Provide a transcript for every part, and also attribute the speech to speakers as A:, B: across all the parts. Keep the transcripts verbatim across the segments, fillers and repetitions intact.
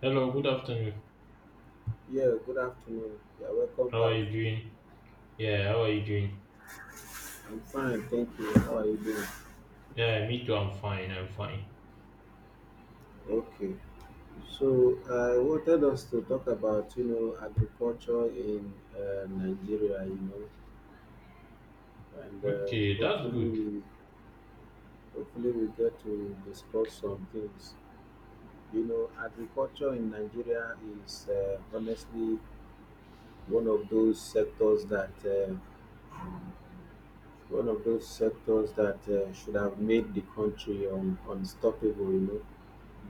A: Hello, good afternoon.
B: Yeah, good afternoon. Yeah, welcome
A: How are
B: back.
A: you doing? Yeah, how are you doing?
B: I'm fine, thank you. How are you doing?
A: Yeah, me too. I'm fine. I'm fine.
B: Okay. So I wanted us to talk about you know agriculture in uh, Nigeria, you know, and uh,
A: Okay, that's
B: hopefully
A: good.
B: we hopefully we get to discuss some things. You know, agriculture in Nigeria is uh, honestly one of those sectors that uh, one of those sectors that uh, should have made the country un- unstoppable, you know,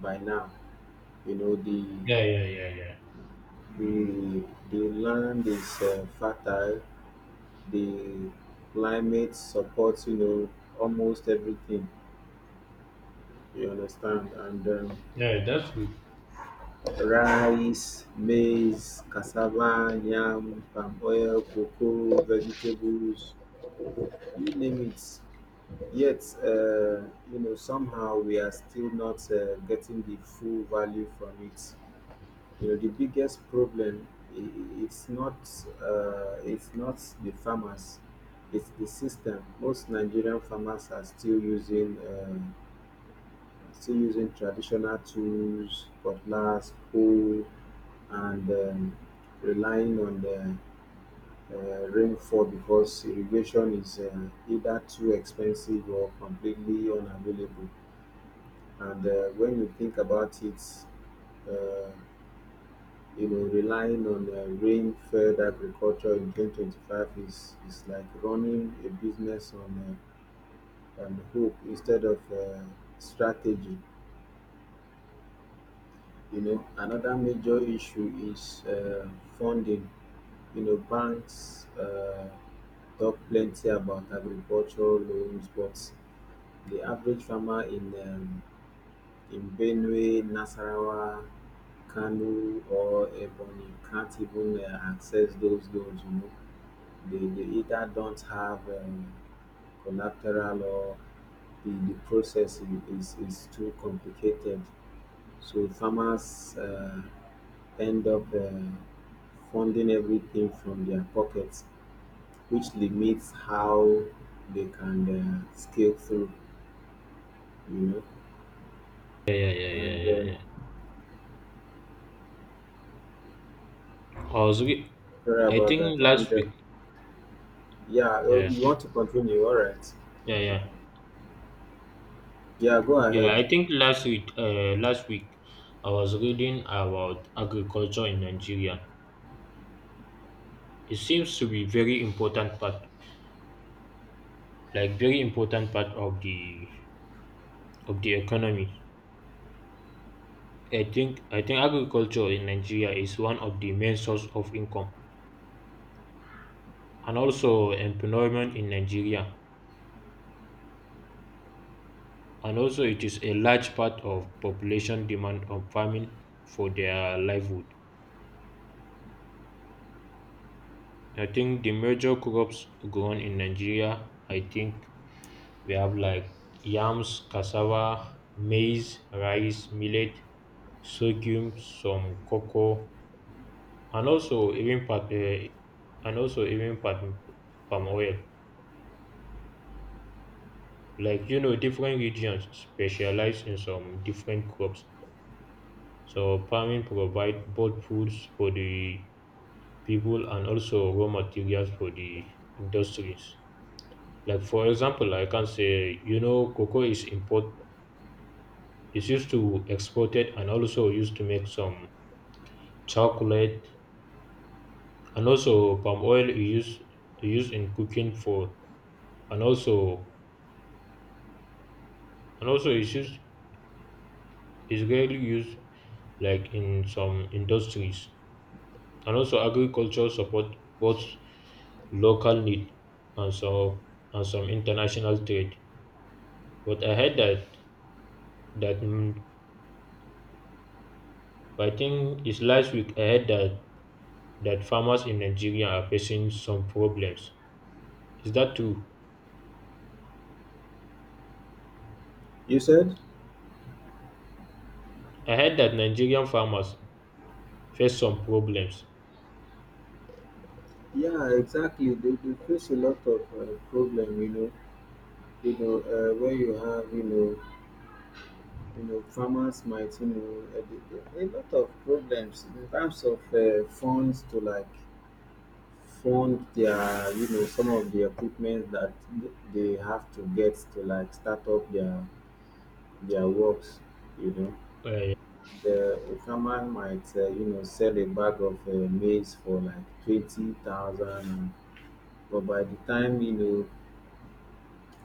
B: by now. You know, the
A: Yeah, yeah, yeah, yeah.
B: the the land is uh, fertile. The climate supports you know almost everything. You understand? And um,
A: Yeah, that's good.
B: Rice, maize, cassava, yam, palm oil, cocoa, vegetables, you name it. Yet, uh, you know, somehow we are still not uh, getting the full value from it. You know, the biggest problem i- i- it's not uh, it's not the farmers, it's the system. Most Nigerian farmers are still using uh, still using traditional tools, cutlass, hoe, and um, relying on the uh, rainfall, because irrigation is uh, either too expensive or completely unavailable. And uh, when you think about it, uh, you know, relying on uh, rain-fed agriculture in twenty twenty-five is, is like running a business on, uh, on hope instead of uh, strategy. You know, another major issue is uh, funding. You know, banks uh, talk plenty about agricultural loans, but the average farmer in um, in Benue, Nasarawa, Kano, or Ebonyi can't even uh, access those loans. You know, they, they either don't have um, collateral, or the, the process i- is, is too complicated. So farmers uh, end up uh, funding everything from their pockets, which limits how they can uh, scale through, you know.
A: Yeah, yeah, yeah, yeah,
B: And
A: yeah,
B: um,
A: yeah. I was, re-
B: Sorry
A: I
B: about that.
A: think
B: And
A: last
B: uh,
A: week.
B: yeah, oh,
A: Yeah,
B: you want to continue? All right.
A: yeah, yeah,
B: Yeah, go
A: yeah.
B: ahead.
A: I think last week, uh, last week, I was reading about agriculture in Nigeria. It seems to be very important part, like very important part of the of the economy. I think I think agriculture in Nigeria is one of the main source of income and also employment in Nigeria, and also it is a large part of population demand on farming for their livelihood. I think the major crops grown in Nigeria, I think we have like yams, cassava, maize, rice, millet, sorghum, some cocoa, and also even part, uh, and also even palm palm oil. Like you know, different regions specialize in some different crops. So farming provide both foods for the people and also raw materials for the industries. Like for example, I can say you know cocoa is import is used to export it, and also used to make some chocolate. And also palm oil is used used in cooking for, and also, and also it's used, is rarely used, like in some industries. And also agriculture support both local need and some and some international trade. But I heard that that mm, but I think it's last week I heard that that farmers in Nigeria are facing some problems. Is that true?
B: You said?
A: I heard that Nigerian farmers face some problems.
B: Yeah, exactly. They, they face a lot of uh, problem, you know you know, uh, when you have, you know, you know, farmers might, you know, uh, the- the- a lot of problems in terms of uh, funds to like fund their, you know, some of the equipment that they have to get to like start up their their works, you know.
A: Uh,
B: The a farmer might, uh, you know, sell a bag of uh, maize for like twenty thousand, but by the time you know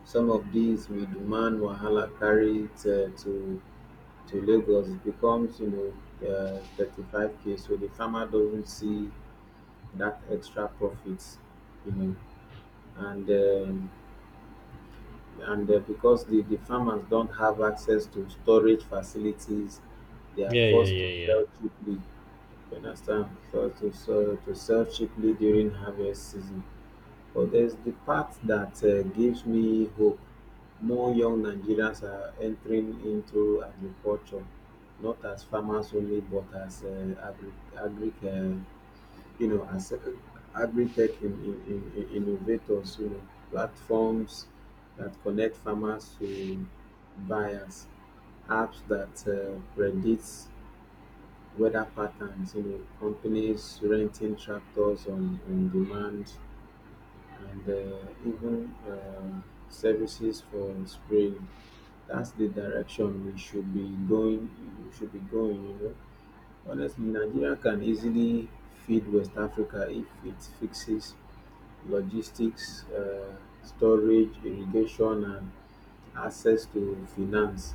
B: some of these we demand wahala carry it uh, to to Lagos becomes, you know, uh, thirty-five k. So the farmer doesn't see that extra profits, you know, and um, and uh, because the, the farmers don't have access to storage facilities, they are
A: yeah, yeah,
B: forced to
A: yeah, yeah.
B: sell cheaply. You understand? So to so, to sell cheaply during harvest season. But there's the part that uh, gives me hope. More young Nigerians are entering into agriculture, not as farmers only, but as uh, agri, agri uh, you know, as uh, agri-tech in, in, in, in- innovators, you know, platforms that connect farmers to buyers, apps that uh, predicts weather patterns, you know, companies renting tractors on, on demand, and uh, even um, services for spraying. That's the direction we should be going. We should be going. You know, honestly, Nigeria can easily feed West Africa if it fixes logistics, uh, storage, irrigation, and access to finance.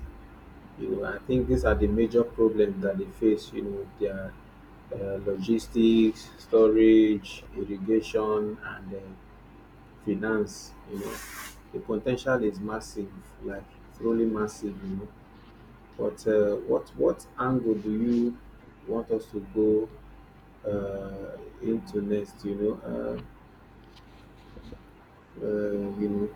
B: You know, I think these are the major problems that they face. You know, their uh, logistics, storage, irrigation, and uh, finance, you know, the potential is massive, like truly massive, you know. But uh, what what angle do you want us to go uh, into next? You know, uh, uh, you know,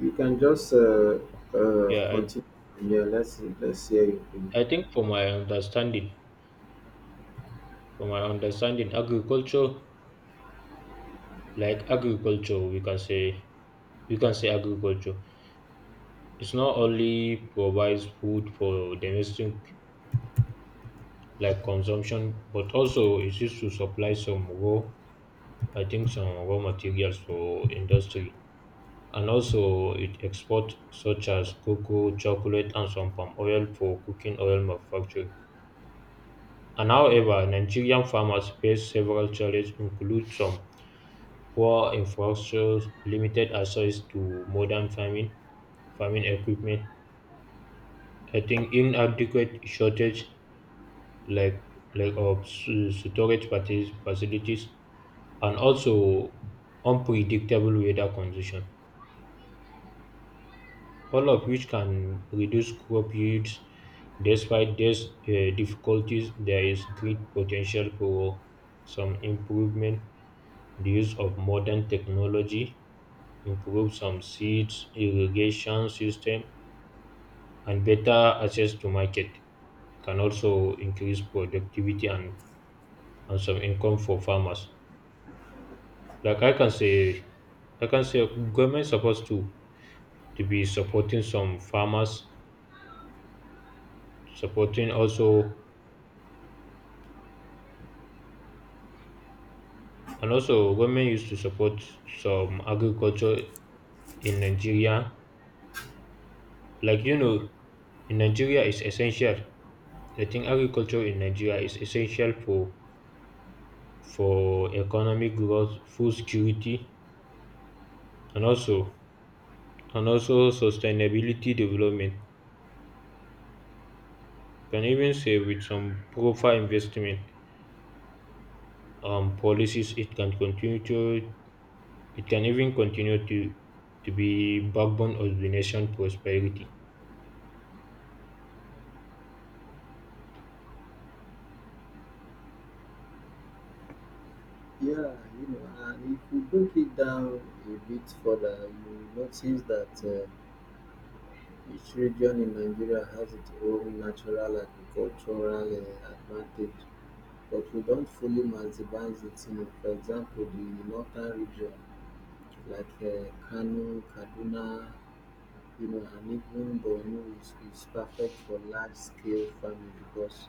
B: you can just uh, uh,
A: Yeah, I,
B: continue. Yeah, let's let's hear you.
A: I think for my understanding, for my understanding, agriculture, like agriculture, we can say, we can say agriculture. It not only provides food for domestic like consumption, but also it used to supply some raw, I think some raw materials for industry. And also it exports such as cocoa, chocolate, and some palm oil for cooking oil manufacturing. And however, Nigerian farmers face several challenges, include some poor infrastructure, limited access to modern farming, farming equipment, I think inadequate shortage like like of s- storage faci- facilities, and also unpredictable weather condition, all of which can reduce crop yields. Despite these uh, difficulties, there is great potential for some improvement: the use of modern technology, improve some seeds, irrigation system, and better access to market can also increase productivity and, and some income for farmers. Like I can say, like, I can say government supposed to to be supporting some farmers, supporting also, and also government used to support some agriculture in Nigeria. Like you know, in Nigeria is essential. I think agriculture in Nigeria is essential for for economic growth, food security, and also and also sustainability development. Can even say with some proper investment, um, policies, it can continue to, it can even continue to to be backbone of the nation prosperity.
B: Yeah, you know, and if you break it down a bit further, you notice that uh, each region in Nigeria has its own natural agricultural uh, advantage. But we don't fully maximize it. You know, for example, the northern region, like uh, Kano, Kaduna, you know, and even Borno is, is perfect for large scale farming because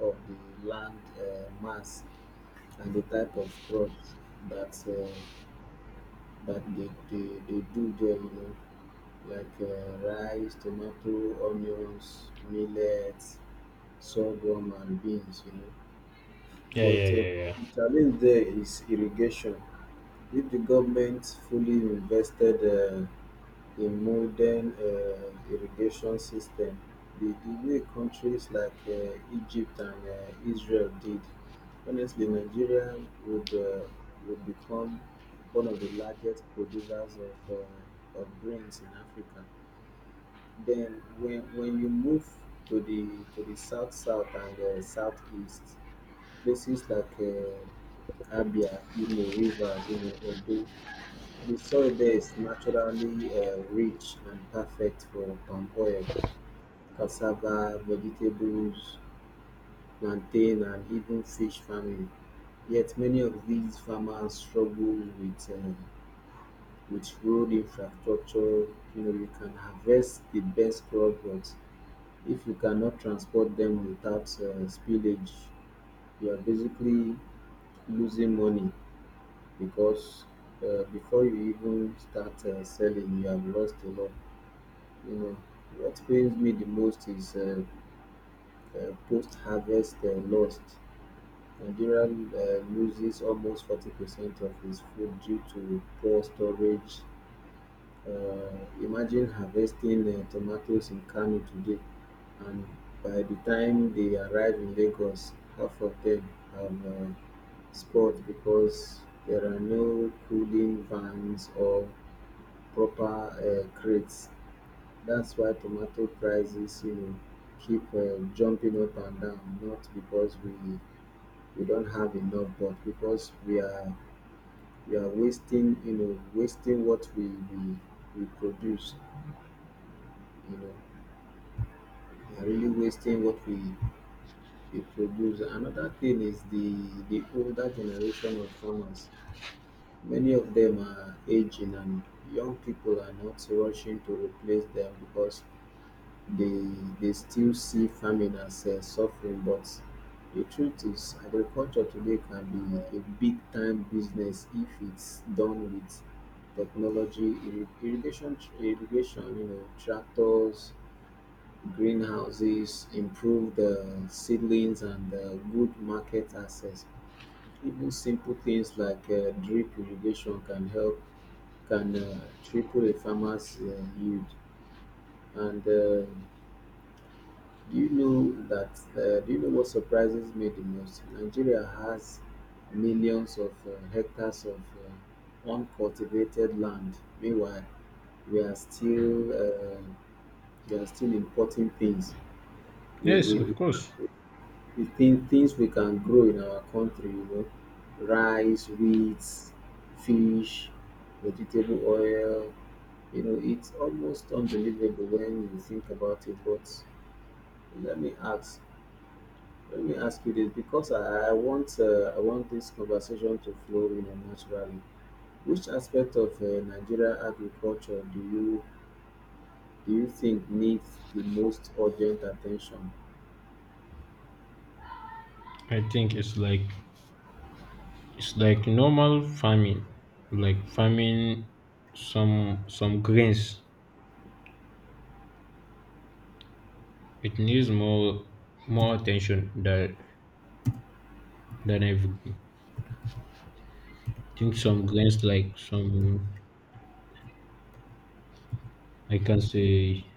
B: of the land uh, mass and the type of crops that uh, that they, they, they do there, you know, like uh, rice, tomato, onions, millets, sorghum, and beans, you know.
A: Yeah,
B: But
A: yeah,
B: uh,
A: yeah, yeah.
B: the challenge there is irrigation. If the government fully invested uh, in modern uh, irrigation system, the, the way countries like uh, Egypt and uh, Israel did, honestly, Nigeria would uh, would become one of the largest producers of, uh, of grains in Africa. Then, when, when you move to the to the south, south and uh, southeast, places like uh, Abia, Imo, Rivers, you know, Edo, the soil there is naturally uh, rich and perfect for palm oil, cassava, vegetables, plantain, and even fish farming. Yet many of these farmers struggle with uh, with road infrastructure. You know, you can harvest the best crop, but if you cannot transport them without uh, spillage, you are basically losing money, because uh, before you even start uh, selling, you have lost a lot. You know, what pains me the most is uh, uh, post-harvest uh, loss. Nigeria uh, loses almost forty percent of its food due to poor storage. Uh, imagine harvesting uh, tomatoes in Kano today, and by the time they arrive in Lagos, half of them have uh, spoiled because there are no cooling vans or proper uh, crates. That's why tomato prices, you know, keep uh, jumping up and down. Not because we we don't have enough, but because we are we are wasting, you know, wasting what we we, we produce. You know, we are really wasting what we, we produce. Another thing is the the older generation of farmers. Many of them are aging, and young people are not rushing to replace them, because they they still see farming as uh, suffering. But the truth is agriculture today can be a big time business if it's done with technology, irri- irrigation irrigation, you know, tractors, greenhouses, improved uh, seedlings, and uh, good market access. Even simple things like uh, drip irrigation can help can uh, triple a farmer's uh, yield. And uh, do you know that? Uh, do you know what surprises me the most? Nigeria has millions of uh, hectares of uh, uncultivated land. Meanwhile, we are still uh, we are still importing things. We,
A: Yes, of
B: we
A: course.
B: we think things we can grow in our country. You know, rice, wheat, fish, vegetable oil. You know, it's almost unbelievable when you think about it. But let me ask let me ask you this, because I, I want uh, I want this conversation to flow in a naturally. Which aspect of uh, Nigeria agriculture do you do you think needs the most urgent attention?
A: I think it's like it's like normal farming, like farming some some grains. It needs more more attention than than everything. I think some grains like some, I can say,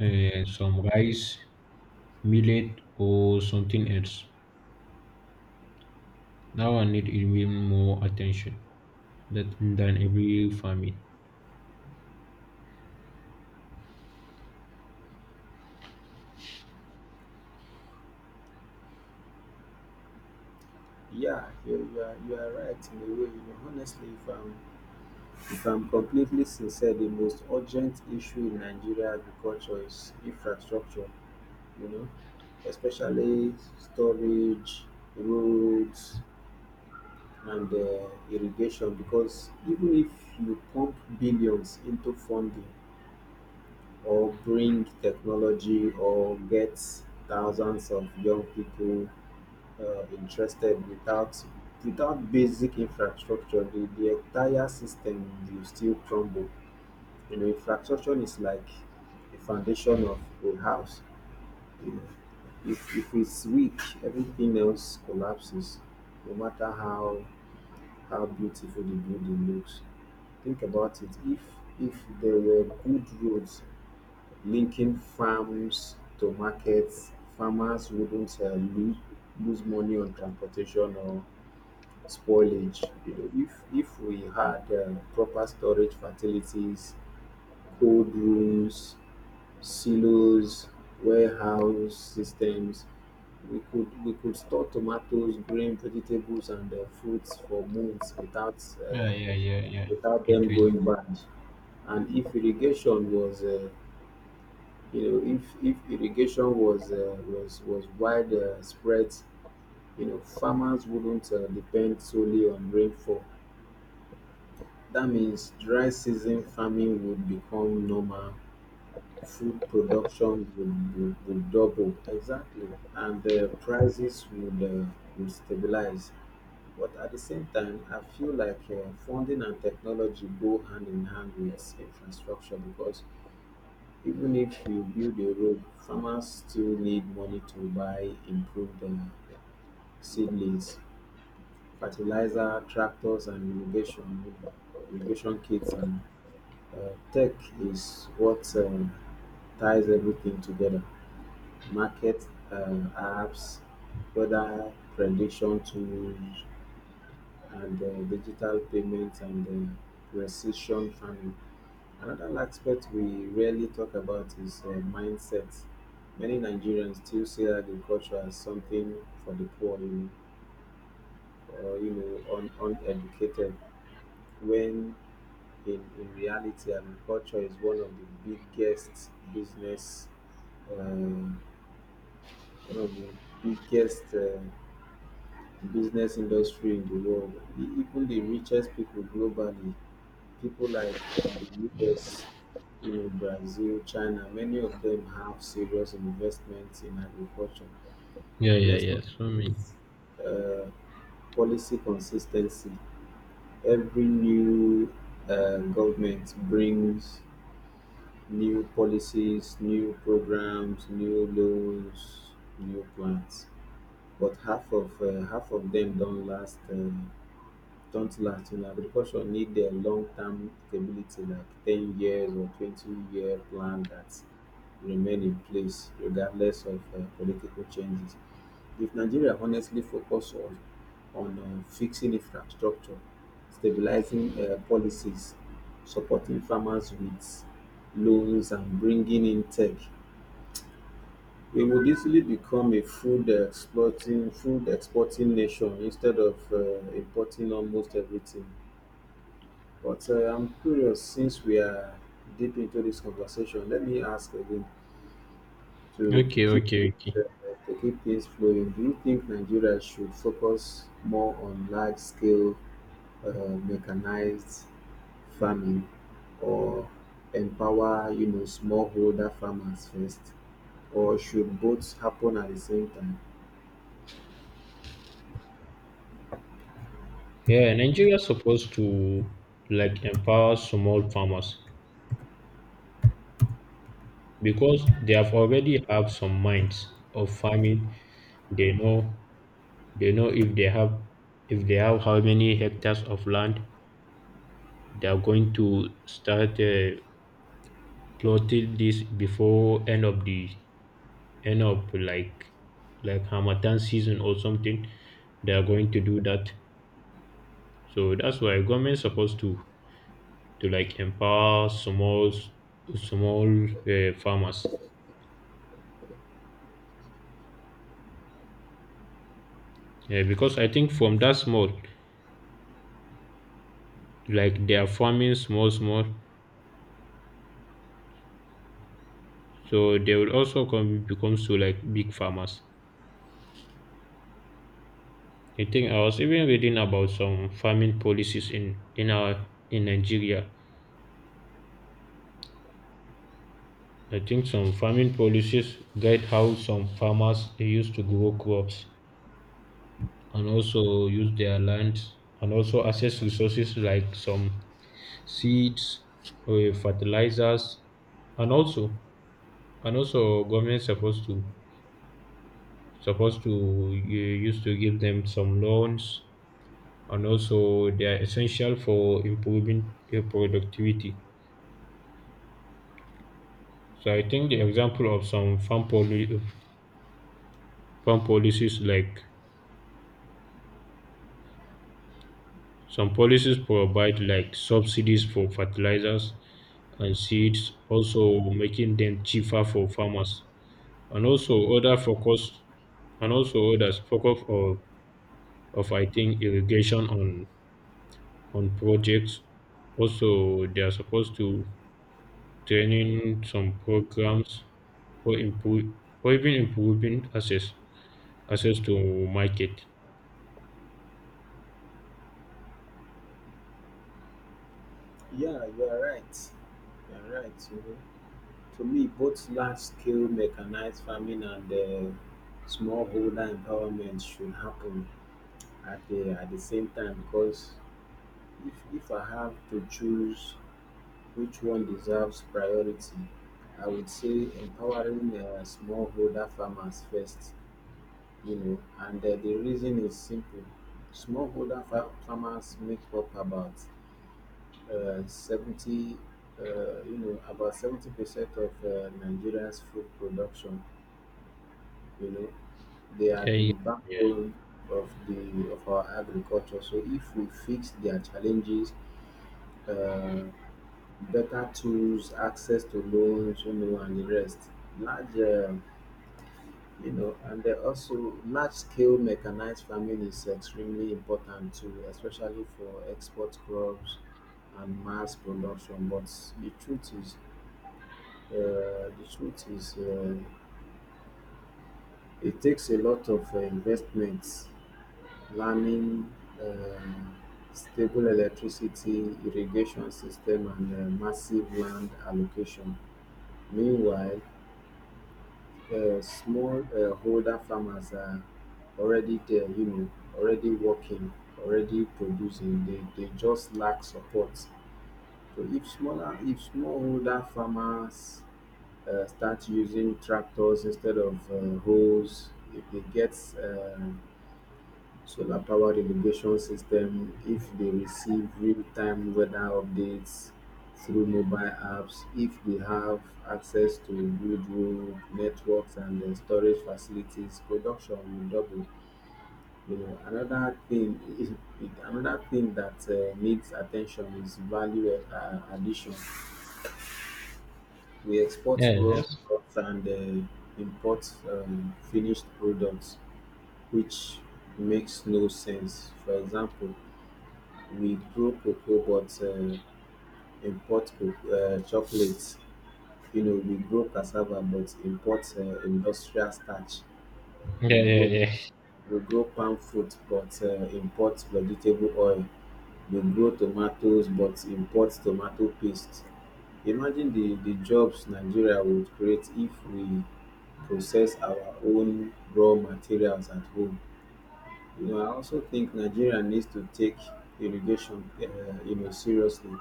A: uh, some rice, millet, or something else. That one need even more attention that than every farming.
B: Yeah, you, you are you are right in a way. You know, honestly, if I'm if I'm completely sincere, the most urgent issue in Nigeria agriculture is infrastructure. You know, especially storage, roads, and uh, irrigation, because even if you pump billions into funding, or bring technology, or get thousands of young people uh, interested without without basic infrastructure, the, the entire system will still crumble. You know, infrastructure is like the foundation of a house. if, if it's weak, everything else collapses, no matter how how beautiful the building looks. Think about it. If if there were good roads linking farms to markets, farmers wouldn't uh, lose, lose money on transportation or spoilage. You know, if if we had uh, proper storage facilities, cold rooms, silos, warehouse systems, we could we could store tomatoes, grain, vegetables, and uh, fruits for months without uh,
A: Yeah, yeah, yeah, yeah.
B: without
A: It
B: them going
A: will.
B: bad. And if irrigation was uh, you know if if irrigation was uh, was was wide uh, spread, you know, farmers wouldn't uh, depend solely on rainfall. That means dry season farming would become normal, food production would, would, would double exactly, and the prices would uh, would stabilize. But at the same time, I feel like uh, funding and technology go hand in hand with infrastructure, because even if you build a road, farmers still need money to buy improved uh, seedlings, fertilizer, tractors, and irrigation, irrigation kits. And uh, tech is what uh, ties everything together. Market uh, apps, weather prediction tools, and uh, digital payments, and uh, precision farming. Another aspect we rarely talk about is uh, mindset. Many Nigerians still see agriculture as something for the poor, you know, or you know, un- uneducated. When in, in reality, agriculture is one of the biggest business, uh, one of the biggest uh, business industry in the world. E- Even the richest people globally, people like in the U S, you know, Brazil, China, many of them have serious investments in agriculture.
A: Yeah,
B: And
A: yeah,
B: let's
A: yeah.
B: not
A: So many.
B: uh, policy consistency. Every new uh, government brings new policies, new programs, new loans, new plans. But half of uh, half of them don't last. Uh, don't last in agriculture need a long term stability, like ten years or twenty year plan, that remain in place regardless of um political changes. If Nigeria honestly focus on on um fixing infrastructure, stabilizing um policies, supporting farmers with loans and bringing in tech, we would easily become a food exporting food exporting nation instead of um importing almost everything. But uh, I'm curious, since we are deep into this conversation, let me ask again to, to
A: Okay,
B: keep
A: okay,
B: it,
A: okay.
B: uh, to keep things flowing. Do you think Nigeria should focus more on large-scale uh, mechanized farming, or empower you know smallholder farmers first, or should both happen at the same time?
A: Yeah, Nigeria is supposed to like empower small farmers because they have already have some minds of farming. They know they know if they have if they have how many hectares of land, they are going to start uh, plotting this before end of the end of like like Hamatan season or something. They are going to do that. So that's why government supposed to to like empower small small uh, farmers. Yeah, because I think from that small, like they are farming small small, so they will also come becomes to like big farmers. I think I was even reading about some farming policies in in our in Nigeria. I think some farming policies guide how some farmers used to grow crops, and also use their land, and also access resources like some seeds, uh, fertilizers, and also, and also government supposed to supposed to uh, used to give them some loans, and also they are essential for improving uh, productivity. So I think the example of some farm poli- farm policies like some policies provide like subsidies for fertilizers and seeds, also making them cheaper for farmers, and also other focus and also others focus or of I think irrigation on on projects. Also, they are supposed to training some programs or improve or even improving access access to market.
B: Yeah, you are right. You are right. You know. To me, both large-scale mechanized farming and uh, smallholder empowerment should happen at the at the same time because if, if I have to choose which one deserves priority, I would say empowering uh, smallholder farmers first, you know, and uh, the reason is simple. Smallholder fa- farmers make up about uh, seventy, uh, you know, about seventy percent of uh, Nigeria's food production, you know, they are
A: Yeah,
B: the
A: yeah, yeah.
B: backbone of the of our agriculture. So if we fix their challenges, uh, better tools, access to loans, you know, and the rest, large uh, you know and they also large scale mechanized farming is extremely important too, especially for export crops and mass production. But the truth is, uh, the truth is uh, it takes a lot of uh, investments, plumbing, uh, stable electricity, irrigation system, and uh, massive land allocation. Meanwhile, uh, small uh, holder farmers are already there, you know, already working, already producing. They, they just lack support. So if smaller, if smallholder farmers uh, start using tractors instead of uh, hoes, if they get uh, solar powered irrigation system, if they receive real time weather updates through mobile apps, if they have access to good road networks and uh, storage facilities, production will double. You know, another thing, is, it- another thing that uh, needs attention is value uh, addition. We export
A: Yeah,
B: raw
A: that's
B: crops and uh, import um, finished products, which makes no sense. For example, we grow cocoa but um import um chocolate. You know, we grow cassava but import um industrial starch.
A: yeah,
B: we
A: yeah,
B: grow
A: yeah,
B: we grow palm fruit but um import vegetable oil. We grow tomatoes but import tomato paste. Imagine the the jobs Nigeria would create if we process our own raw materials at home. You know, I also think Nigeria needs to take irrigation, um you know seriously.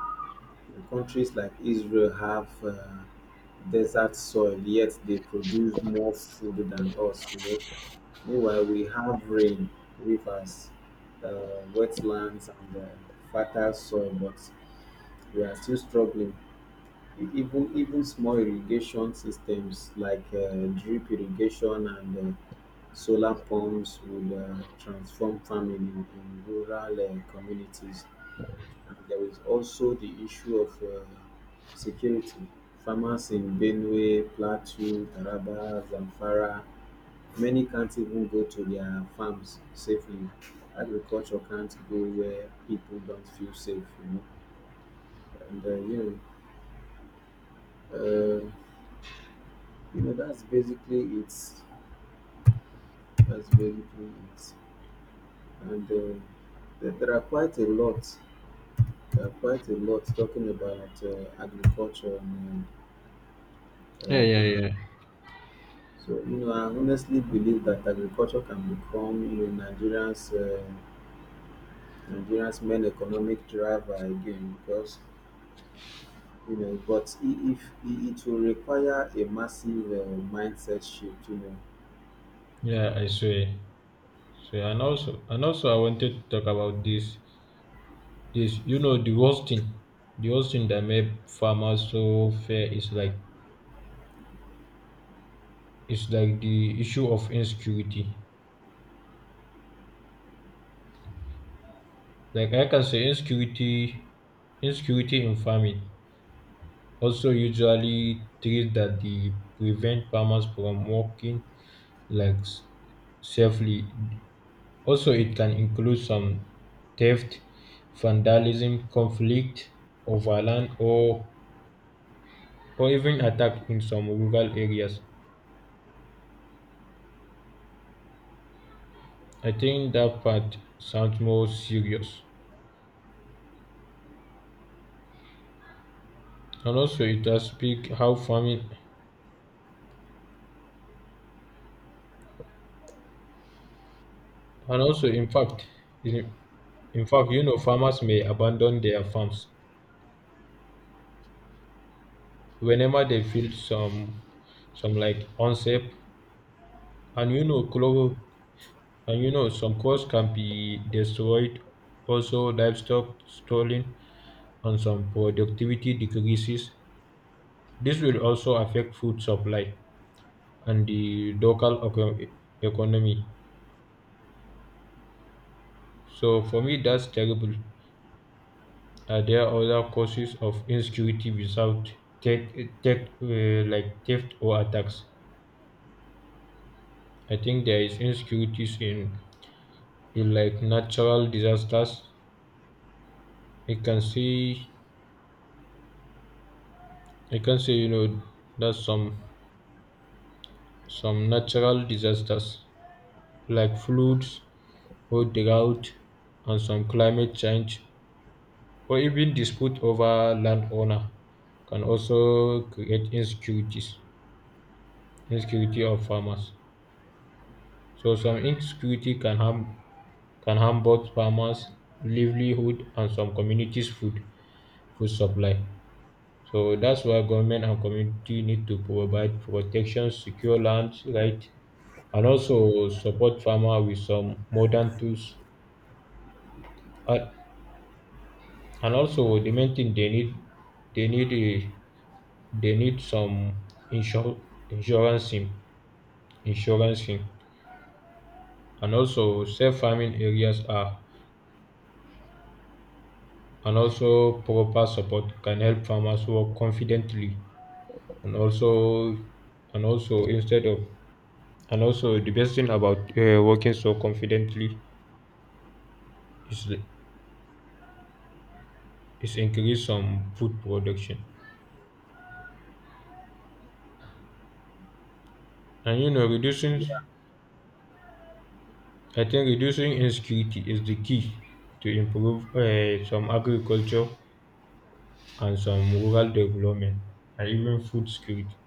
B: Countries like Israel have uh, desert soil, yet they produce more food than us. You know, meanwhile we have rain, rivers, uh, wetlands, and uh, fertile soil, but we are still struggling. E- Even even small irrigation systems like uh, drip irrigation and uh, solar pumps would uh, transform farming in, in rural uh, communities. There is also the issue of uh, security. Farmers in Benue, Plateau, Taraba, Zamfara, many can't even go to their farms safely. Agriculture can't go where people don't feel safe, you know. And uh, you know, uh, you know that's basically it. That's basically it. And uh, there, there are quite a lot. There are quite a lot talking about uh, agriculture in,
A: yeah,
B: uh,
A: yeah,
B: in
A: yeah.
B: So, you know, I honestly believe that agriculture can become, you know, Nigerians, uh, Nigerians main economic driver again because, you know, but I- if I- it will require a massive uh, mindset shift, you know.
A: Yeah, I swear. Swear. And also, and also, I wanted to talk about this. This, you know, the worst thing, the worst thing that made farmers so fair is like, it's like the issue of insecurity. Like I can say insecurity insecurity in farming also usually threats that the prevent farmers from working like s- safely. Also it can include some theft, vandalism, conflict over land, or or even attack in some rural areas. I think that part sounds more serious. And also it has speak how farming, and also in fact, in fact, you know, farmers may abandon their farms whenever they feel some some like unsafe, and you know, clo- and you know, some crops can be destroyed. Also, livestock stolen, and some productivity decreases. This will also affect food supply and the local eco- economy. So for me, that's terrible. Are there other causes of insecurity without tech, tech uh, like theft or attacks? I think there is insecurities in in like natural disasters. I can see I can say you know that some some natural disasters like floods or drought, and some climate change, or even dispute over land owner can also create insecurities insecurity of farmers. So some insecurity can harm, can harm both farmers livelihood and some communities food food supply. So that's why government and community need to provide protection, secure land right, and also support farmer with some modern tools. Uh, and also the main thing they need, they need a, they need some insur- insurance in, insurance in, and also safe farming areas are, and also proper support can help farmers work confidently, and also, and also instead of, and also the best thing about uh, working so confidently is is increase some food production. And you know, reducing,
B: Yeah,
A: I think reducing insecurity is the key to improve uh, some agriculture and some rural development and even food security.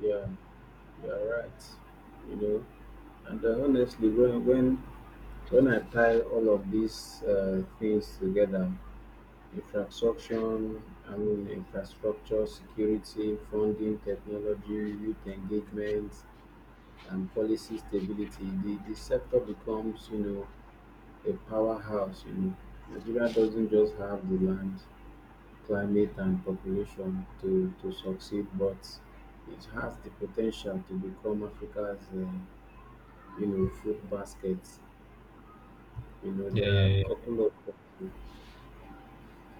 B: yeah, you're right. You know, and uh, honestly, when when when I tie all of these uh, things together, infrastructure, I mean, infrastructure, security, funding, technology, youth engagement, and policy stability, the, the sector becomes, you know, a powerhouse. You know, Nigeria doesn't just have the land, climate, and population to, to succeed, but it has the potential to become Africa's, uh, you know, food basket. You know,
A: Yeah,
B: there are a
A: yeah,
B: couple of,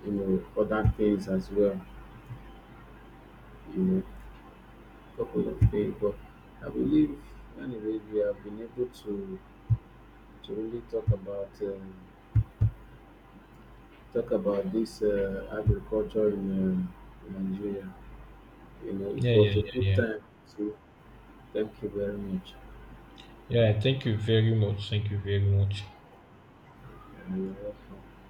B: you know, other things as well. You know, couple of things, but I believe, anyways, we have been able to to really talk about. Uh, talk about this uh, agriculture in uh, Nigeria. You know, it
A: yeah, yeah, yeah,
B: was a
A: yeah,
B: good
A: yeah.
B: time. So thank you very much.
A: Yeah, thank you very much. Thank you very much.
B: Uh, you're welcome.